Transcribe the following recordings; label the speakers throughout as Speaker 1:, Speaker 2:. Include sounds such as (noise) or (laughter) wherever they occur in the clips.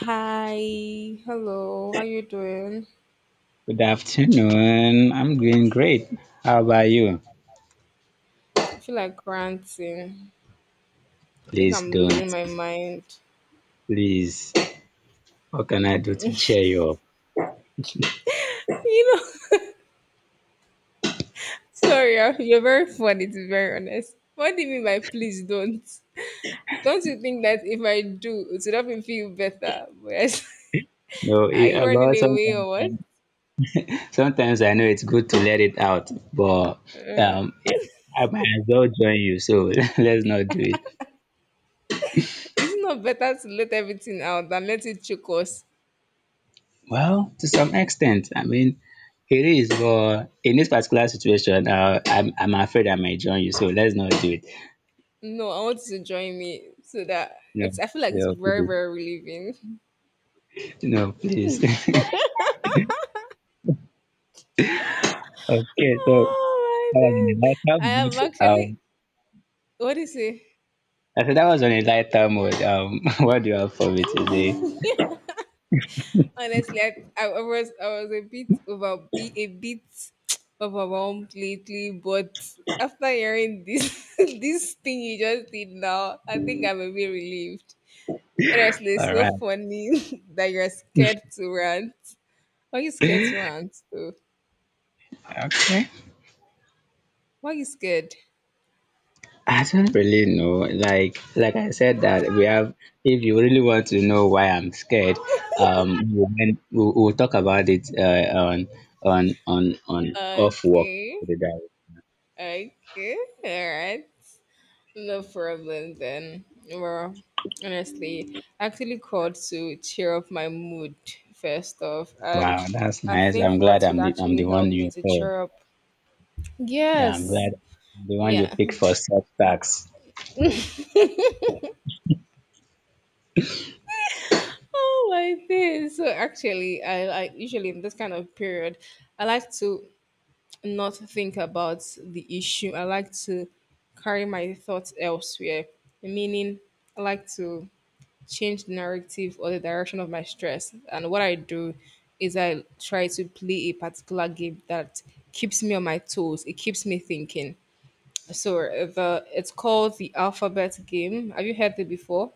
Speaker 1: Hi, hello, how you doing?
Speaker 2: Good afternoon. I'm doing great. How about you?
Speaker 1: I feel like ranting. I think
Speaker 2: Please
Speaker 1: I'm
Speaker 2: don't.
Speaker 1: losing my mind.
Speaker 2: Please. What can I do to cheer you up?
Speaker 1: You know, (laughs) sorry, you're very funny to be very honest. What do you mean by "please don't"? Don't you think that if I do, it would help me feel better? But
Speaker 2: No,
Speaker 1: (laughs) are
Speaker 2: it,
Speaker 1: you running
Speaker 2: about
Speaker 1: away or
Speaker 2: sometimes.
Speaker 1: what?
Speaker 2: Sometimes I know it's good to let it out, but yeah, I might as well join you. So (laughs) let's not do it.
Speaker 1: It's not better to let everything out than let it choke us.
Speaker 2: Well, to some extent, I mean, it is. But in this particular situation, I'm afraid I might join you. So let's not do it.
Speaker 1: No, I want you to join me so that
Speaker 2: No,
Speaker 1: it's. I feel like it's
Speaker 2: no,
Speaker 1: very,
Speaker 2: please,
Speaker 1: very relieving.
Speaker 2: no, please. (laughs) Okay, so
Speaker 1: Oh
Speaker 2: that
Speaker 1: my
Speaker 2: was on a lighter
Speaker 1: god! I
Speaker 2: mood.
Speaker 1: am actually, what do you say?
Speaker 2: I said that was on a lighter mood. (laughs) What do you have for me today?
Speaker 1: Honestly, I was a bit (tsk) overwhelmed lately, but after hearing this (laughs) this thing you just did now, I think I'm a bit relieved. Honestly, it's
Speaker 2: All
Speaker 1: so
Speaker 2: right.
Speaker 1: funny (laughs) that you're scared to rant. Why are you scared to rant though?
Speaker 2: Okay.
Speaker 1: Why are you scared?
Speaker 2: I don't really know. Like I said that we have. If you really want to know why I'm scared, um, we'll, we'll talk about it on on off work.
Speaker 1: Okay.
Speaker 2: Put it that
Speaker 1: Okay. All right. No problem then. Well, honestly, I actually called to cheer up my mood first off,
Speaker 2: way. Wow,
Speaker 1: and
Speaker 2: that's
Speaker 1: I
Speaker 2: nice.
Speaker 1: think
Speaker 2: I'm glad
Speaker 1: what would
Speaker 2: I'm the I'm
Speaker 1: actually
Speaker 2: the one
Speaker 1: help me
Speaker 2: you
Speaker 1: to
Speaker 2: heard.
Speaker 1: cheer up.
Speaker 2: Yeah, I'm
Speaker 1: Yes.
Speaker 2: glad I'm the one you
Speaker 1: Yeah. (laughs)
Speaker 2: picked for self tax.
Speaker 1: Oh my days. So actually, I usually in this kind of period, I like to not think about the issue. I like to carry my thoughts elsewhere. Meaning, I like to change the narrative or the direction of my stress. And what I do is I try to play a particular game that keeps me on my toes. It keeps me thinking. So the it's called the alphabet game. Have you heard it before?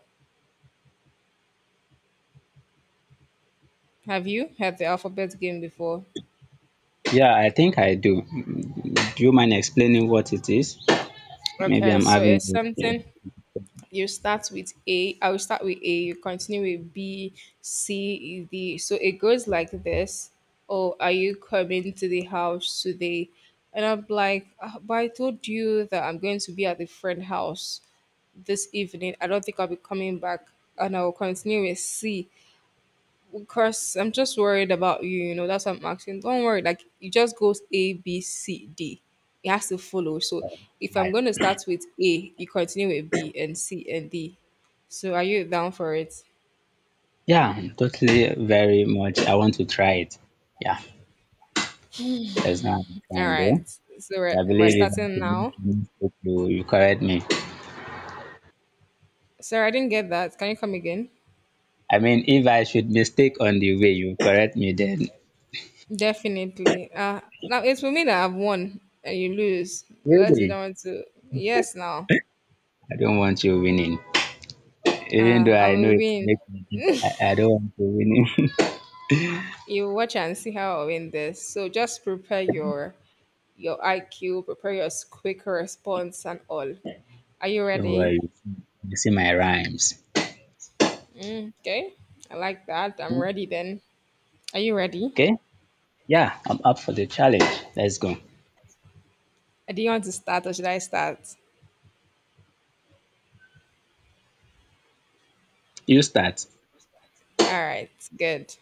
Speaker 1: Have you heard the alphabet game before?
Speaker 2: Yeah, I think I do. Mm, do you mind explaining what it is? Maybe
Speaker 1: Okay,
Speaker 2: I'm
Speaker 1: so
Speaker 2: having
Speaker 1: it's
Speaker 2: a
Speaker 1: something you start with A, I will start with A, you continue with B, C, E, D. So it goes like this. Oh, are you coming to the house today? And I'm like, "Ah, but I told you that I'm going to be at the friend house this evening. I don't think I'll be coming back." And I will continue with C. Because I'm just worried about you, you know, that's what I'm asking. Don't worry, like it just goes A, B, C, D. It has to follow. So if I'm
Speaker 2: right.
Speaker 1: gonna start with A, you continue with B and C and D. So are you down for it?
Speaker 2: Yeah, totally very much. I want to try it. Yeah, that's not I'm
Speaker 1: All
Speaker 2: trying
Speaker 1: right.
Speaker 2: though.
Speaker 1: So we're,
Speaker 2: I
Speaker 1: we're
Speaker 2: believe if I
Speaker 1: starting
Speaker 2: should make
Speaker 1: now.
Speaker 2: a mistake, you correct me.
Speaker 1: Sorry, I didn't get that. Can you come again?
Speaker 2: I mean, if I should mistake on the way, you correct me then.
Speaker 1: Definitely. Now it's for me that I've won and you lose. Unless you
Speaker 2: Really?
Speaker 1: don't want to, yes now.
Speaker 2: I don't want you winning. Even though
Speaker 1: I
Speaker 2: I know
Speaker 1: will
Speaker 2: it
Speaker 1: win.
Speaker 2: makes me win, I don't want you winning.
Speaker 1: (laughs) You watch and see how I win this. So just prepare your IQ, prepare your quick response, and all. Are you
Speaker 2: (laughs) Don't
Speaker 1: ready?
Speaker 2: worry, you see my rhymes.
Speaker 1: Mm, okay, I like that. I'm ready then. Are you ready?
Speaker 2: Okay? Yeah, I'm up for the challenge. Let's go.
Speaker 1: Do you want to start or should I start?
Speaker 2: You start.
Speaker 1: All right, good.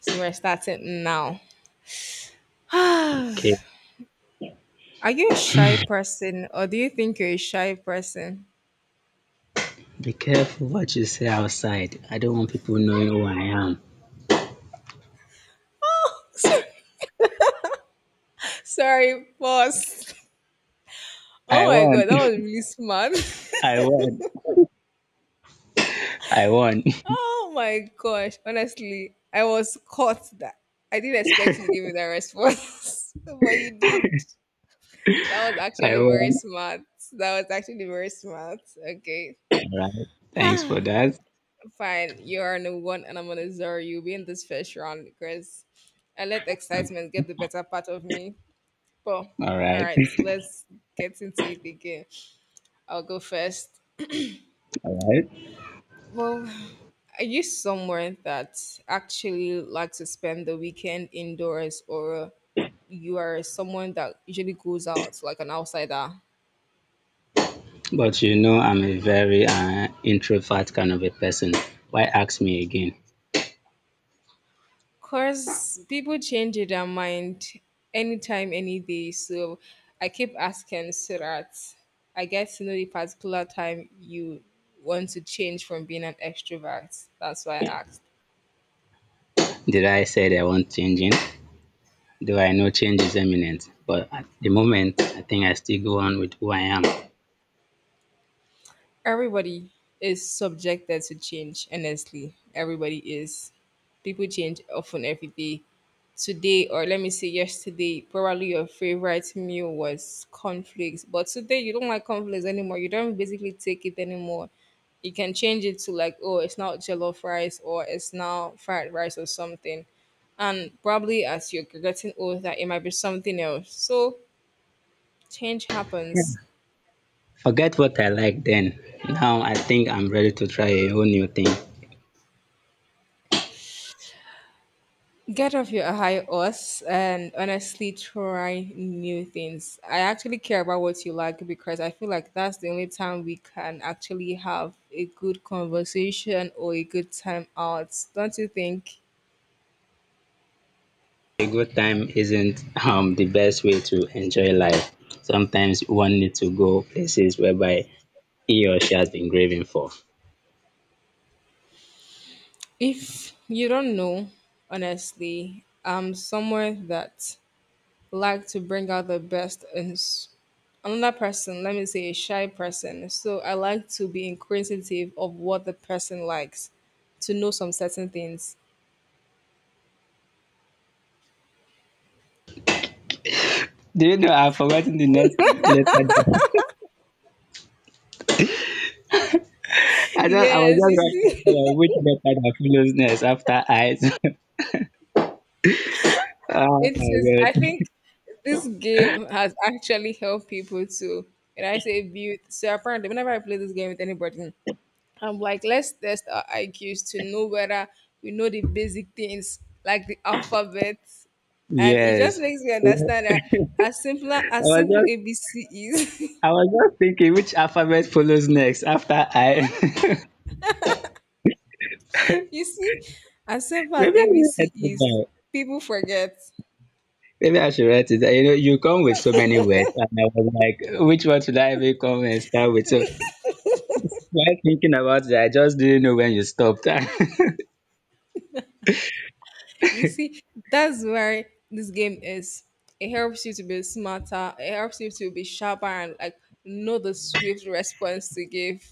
Speaker 1: So we're starting now.
Speaker 2: Okay,
Speaker 1: (sighs) Are you a shy person or do you think you're a shy person?
Speaker 2: be careful what you say outside. I don't want people knowing who I am.
Speaker 1: (laughs) Sorry, boss. Oh
Speaker 2: I
Speaker 1: my
Speaker 2: won.
Speaker 1: god, that was really smart. (laughs)
Speaker 2: (laughs) I won. I won. (laughs)
Speaker 1: Oh my gosh, honestly, I was caught that. I didn't expect you to give me that response, (laughs) but you did. That was
Speaker 2: I
Speaker 1: actually very
Speaker 2: won.
Speaker 1: smart. That was actually very smart. Okay,
Speaker 2: All right. Thanks for that.
Speaker 1: fine. You are number one, and I'm gonna zero you. Be in this first round because I let
Speaker 2: Okay.
Speaker 1: excitement get the better part of me. But
Speaker 2: All
Speaker 1: all
Speaker 2: right.
Speaker 1: right, let's get into it again. I'll go first.
Speaker 2: All right.
Speaker 1: Well, are you someone that actually likes to spend the weekend indoors, or you are someone that usually goes out like an outsider?
Speaker 2: But you know, I'm a very introvert kind of a person. Why ask me again?
Speaker 1: Cause people change their mind anytime, any day. So I keep asking so that I get to know the particular time you want to change from being an extrovert. That's why I asked.
Speaker 2: Did I say that I want changing? Though I know change is imminent, but at the moment, I think I still go on with who I am.
Speaker 1: Everybody is subjected to change, honestly. Everybody is. People change often every day. Today, or let me say yesterday, probably your favorite meal was cornflakes, but today you don't like cornflakes anymore, you don't basically take it anymore. You can change it to like, oh, it's now jollof rice or it's now fried rice or something. And probably as you're getting older it might be something else. So change happens.
Speaker 2: Forget what I like then. Now I think I'm ready to try a whole new thing.
Speaker 1: Get off your high horse and honestly try new things. I actually care about what you like because I feel like that's the only time we can actually have a good conversation or a good time out. Don't you think?
Speaker 2: A good time isn't the best way to enjoy life. Sometimes one needs to go places whereby he or she has been craving for.
Speaker 1: If you don't know, honestly, I'm someone that like to bring out the best in another person, let me say a shy person. So I like to be inquisitive of what the person likes, to know some certain things.
Speaker 2: Do you know I've forgotten the next letter? That- (laughs) I just I was
Speaker 1: Yes,
Speaker 2: just
Speaker 1: you
Speaker 2: writing down
Speaker 1: see, (laughs)
Speaker 2: which letter that follows next after eyes. (laughs) Oh
Speaker 1: it is.
Speaker 2: my
Speaker 1: I
Speaker 2: god!
Speaker 1: think this game has actually helped people to, and I say, build. So apparently, whenever I play this game with anybody, I'm like, let's test our IQs to know whether we know the basic things like the alphabet, and it just
Speaker 2: Yes,
Speaker 1: makes me understand that
Speaker 2: I
Speaker 1: as
Speaker 2: was
Speaker 1: simple
Speaker 2: just
Speaker 1: ABC is, (laughs)
Speaker 2: I was just thinking which alphabet follows next after I. (laughs)
Speaker 1: you see, as simple as
Speaker 2: Maybe I
Speaker 1: ABC
Speaker 2: should write,
Speaker 1: is, people forget.
Speaker 2: maybe I should write it. You know, you come with so many words, and I was like, which one should I even come and start with? So while thinking about it, I just didn't know when you stopped. (laughs) Yeah,
Speaker 1: You see, that's where this game is. It helps you to be smarter. It helps you to be sharper and like know the swift response to give.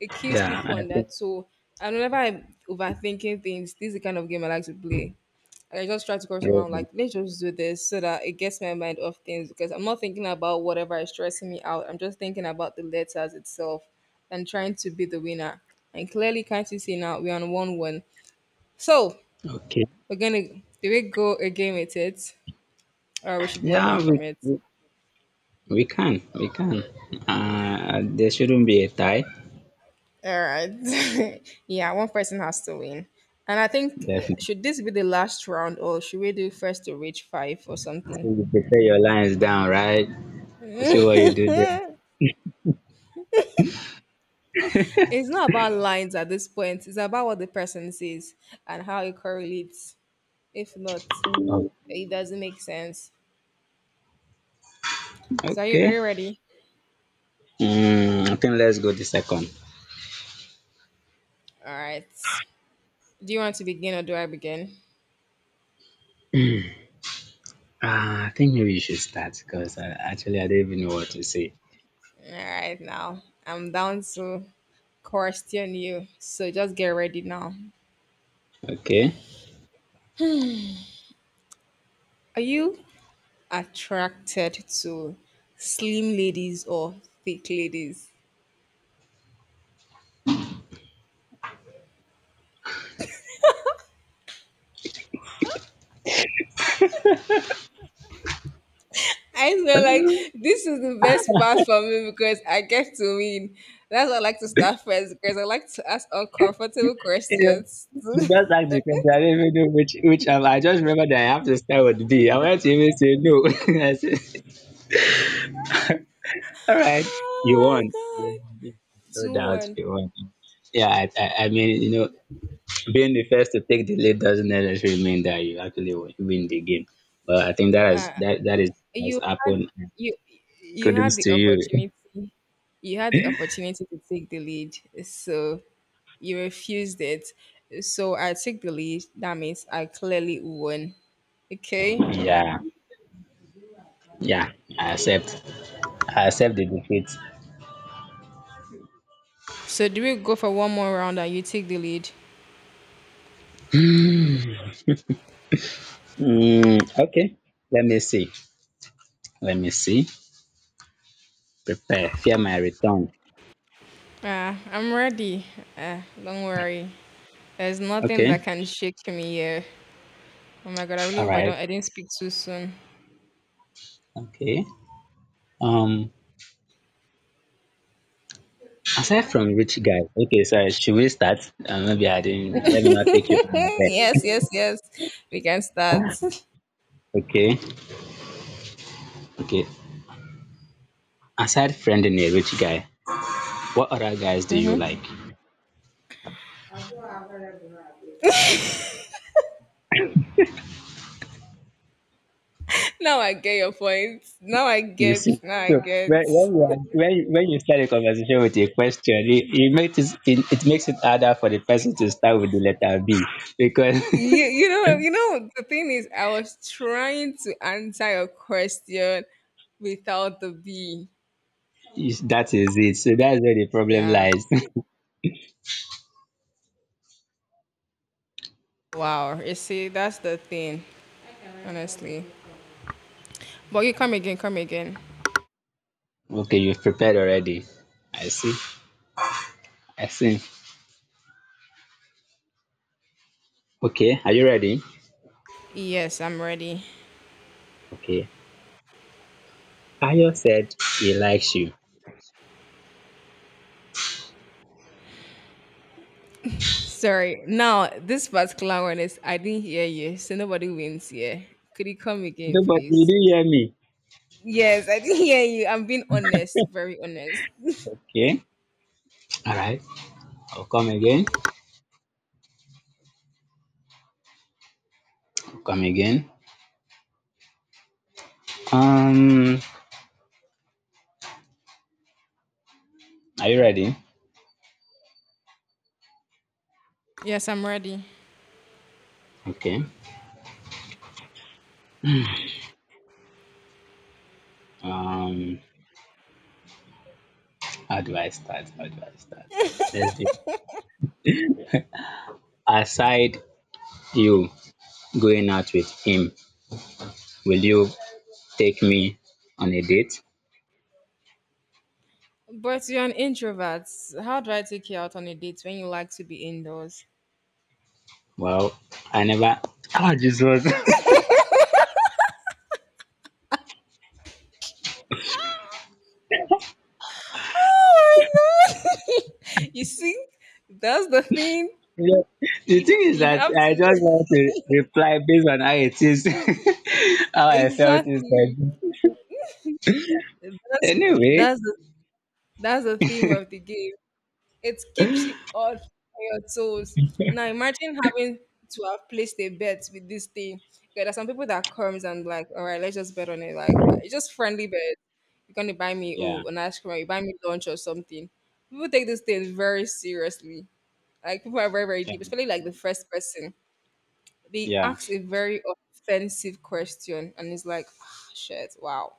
Speaker 1: It keeps people
Speaker 2: I
Speaker 1: on their
Speaker 2: think
Speaker 1: toe. And whenever I'm overthinking things, this is the kind of game I like to play. Like, I just try to cross around
Speaker 2: you
Speaker 1: like, let's just do this so that it gets my mind off things because I'm not thinking about whatever is stressing me out. I'm just thinking about the letters itself and trying to be the winner. And clearly, can't you see now we're on 1-1. So
Speaker 2: okay.
Speaker 1: we're gonna do, we go again with it, or we should move
Speaker 2: Yeah,
Speaker 1: on from
Speaker 2: we,
Speaker 1: it?
Speaker 2: we, we can, we can. There shouldn't be a tie,
Speaker 1: All right. (laughs) Yeah, one person has to win. And I think,
Speaker 2: definitely.
Speaker 1: should this be the last round or should we do first to reach five or
Speaker 2: So
Speaker 1: something?
Speaker 2: you prepare your lines down, right? I see what you do there.
Speaker 1: It's not about lines at this point. It's about what the person says and how it correlates. If not, it doesn't make sense. So, are
Speaker 2: Okay.
Speaker 1: you ready?
Speaker 2: Mm, I think let's go the second.
Speaker 1: All right. Do you want to begin or do I begin?
Speaker 2: I think maybe you should start because actually I don't even know what to say.
Speaker 1: All right, now I'm down to question you. So just get ready now.
Speaker 2: Okay.
Speaker 1: Are you attracted to slim ladies or thick ladies? I feel like this is the best part for me because I get to win. That's why I like to start first because I like to ask uncomfortable
Speaker 2: You know,
Speaker 1: questions. (laughs)
Speaker 2: you
Speaker 1: Oh
Speaker 2: just asked the question. I don't even know which I just remember that I have to start with B. I wanted to even say no. (laughs) I said, all right, you
Speaker 1: my
Speaker 2: won.
Speaker 1: god.
Speaker 2: No
Speaker 1: 2
Speaker 2: doubt,
Speaker 1: 1.
Speaker 2: you won. Yeah, I mean, you know, being the first to take the lead doesn't necessarily mean that you actually win the game. But I think that is that is has
Speaker 1: you had
Speaker 2: happened.
Speaker 1: you you had
Speaker 2: Kudos
Speaker 1: the
Speaker 2: to you.
Speaker 1: opportunity you had the opportunity to take the lead, so you refused it, so I took the lead. That means I clearly won. Okay,
Speaker 2: Yeah, yeah, I accept. I accept the defeat.
Speaker 1: so do we go for one more round and you take the lead?
Speaker 2: Mm, okay, let me see. Let me see. Prepare, fear my return.
Speaker 1: I'm ready. Don't worry, there's nothing that
Speaker 2: Okay.
Speaker 1: can shake me here. Oh my god, I really
Speaker 2: All
Speaker 1: hope
Speaker 2: right.
Speaker 1: I didn't speak too soon.
Speaker 2: Okay. Um, aside from rich guys, okay, sorry, should we start? Maybe I didn't, let me not take you on my
Speaker 1: (laughs)
Speaker 2: back.
Speaker 1: Yes, yes, yes, we can start.
Speaker 2: Okay. Okay. Aside friending a rich guy, what other guys do you
Speaker 1: (laughs)
Speaker 2: like?
Speaker 1: Now I get your point. Now I
Speaker 2: You see,
Speaker 1: get. Now I
Speaker 2: so
Speaker 1: get.
Speaker 2: when, you, are- when you start a conversation with a question, it makes it harder for the person to start with the letter B because
Speaker 1: You know. You know. The thing is, I was trying to answer your question without the B.
Speaker 2: (laughs) is- that is it. So that's where the problem
Speaker 1: Yeah.
Speaker 2: lies. (laughs)
Speaker 1: Wow. You see, that's the thing. Honestly. But you come again. Come again.
Speaker 2: Okay, you've prepared already. I see. I see. Okay, are you ready?
Speaker 1: Yes, I'm ready.
Speaker 2: Okay. Ayo said he likes you.
Speaker 1: Sorry. Now this particular one is I didn't hear you, so nobody wins here. Could you come again,
Speaker 2: Nobody, you
Speaker 1: please?
Speaker 2: didn't hear me.
Speaker 1: Yes, I didn't hear you. I'm being honest. Very honest.
Speaker 2: Okay. All right. I'll come again. I'll come again. Um, are you ready?
Speaker 1: Yes, I'm ready.
Speaker 2: Okay. Um, how do I start? How do I start? Let's do. Aside you going out with him, will you take me on a date?
Speaker 1: But you're an introvert. How do I take you out on a date when you like to be indoors?
Speaker 2: Well, I never. Oh, Jesus. (laughs)
Speaker 1: Oh my god! (laughs) You see, that's the thing.
Speaker 2: Yeah. The thing is
Speaker 1: You
Speaker 2: that
Speaker 1: have
Speaker 2: I
Speaker 1: to
Speaker 2: just want to reply based on how it is, (laughs)
Speaker 1: (laughs)
Speaker 2: how I felt
Speaker 1: exactly.
Speaker 2: inside.
Speaker 1: That's
Speaker 2: Anyway,
Speaker 1: that's the, that's the theme of the game. It keeps you all on your toes. Now imagine having to have placed a bet with this thing. Okay, there's some people that comes and like, all right, let's just bet on it. Like, but it's just friendly bet. You're gonna buy me,
Speaker 2: yeah,
Speaker 1: oh, an ice cream, or you buy me lunch or something. People take this thing very seriously. Like people are very, very
Speaker 2: yeah,
Speaker 1: deep, especially like the first person. They
Speaker 2: yeah.
Speaker 1: ask a very offensive question, and it's like, ah, shit, wow,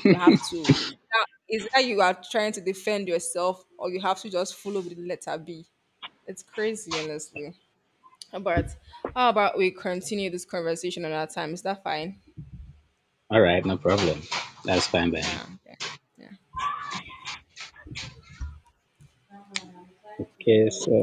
Speaker 1: you have to. Now, is that you are trying to defend yourself, or you have to just follow with the letter B? It's crazy, honestly. But how about we continue this conversation another time? Is that fine?
Speaker 2: All right, no problem. That's fine by me.
Speaker 1: Yeah. Yeah. Yeah.
Speaker 2: Okay, so.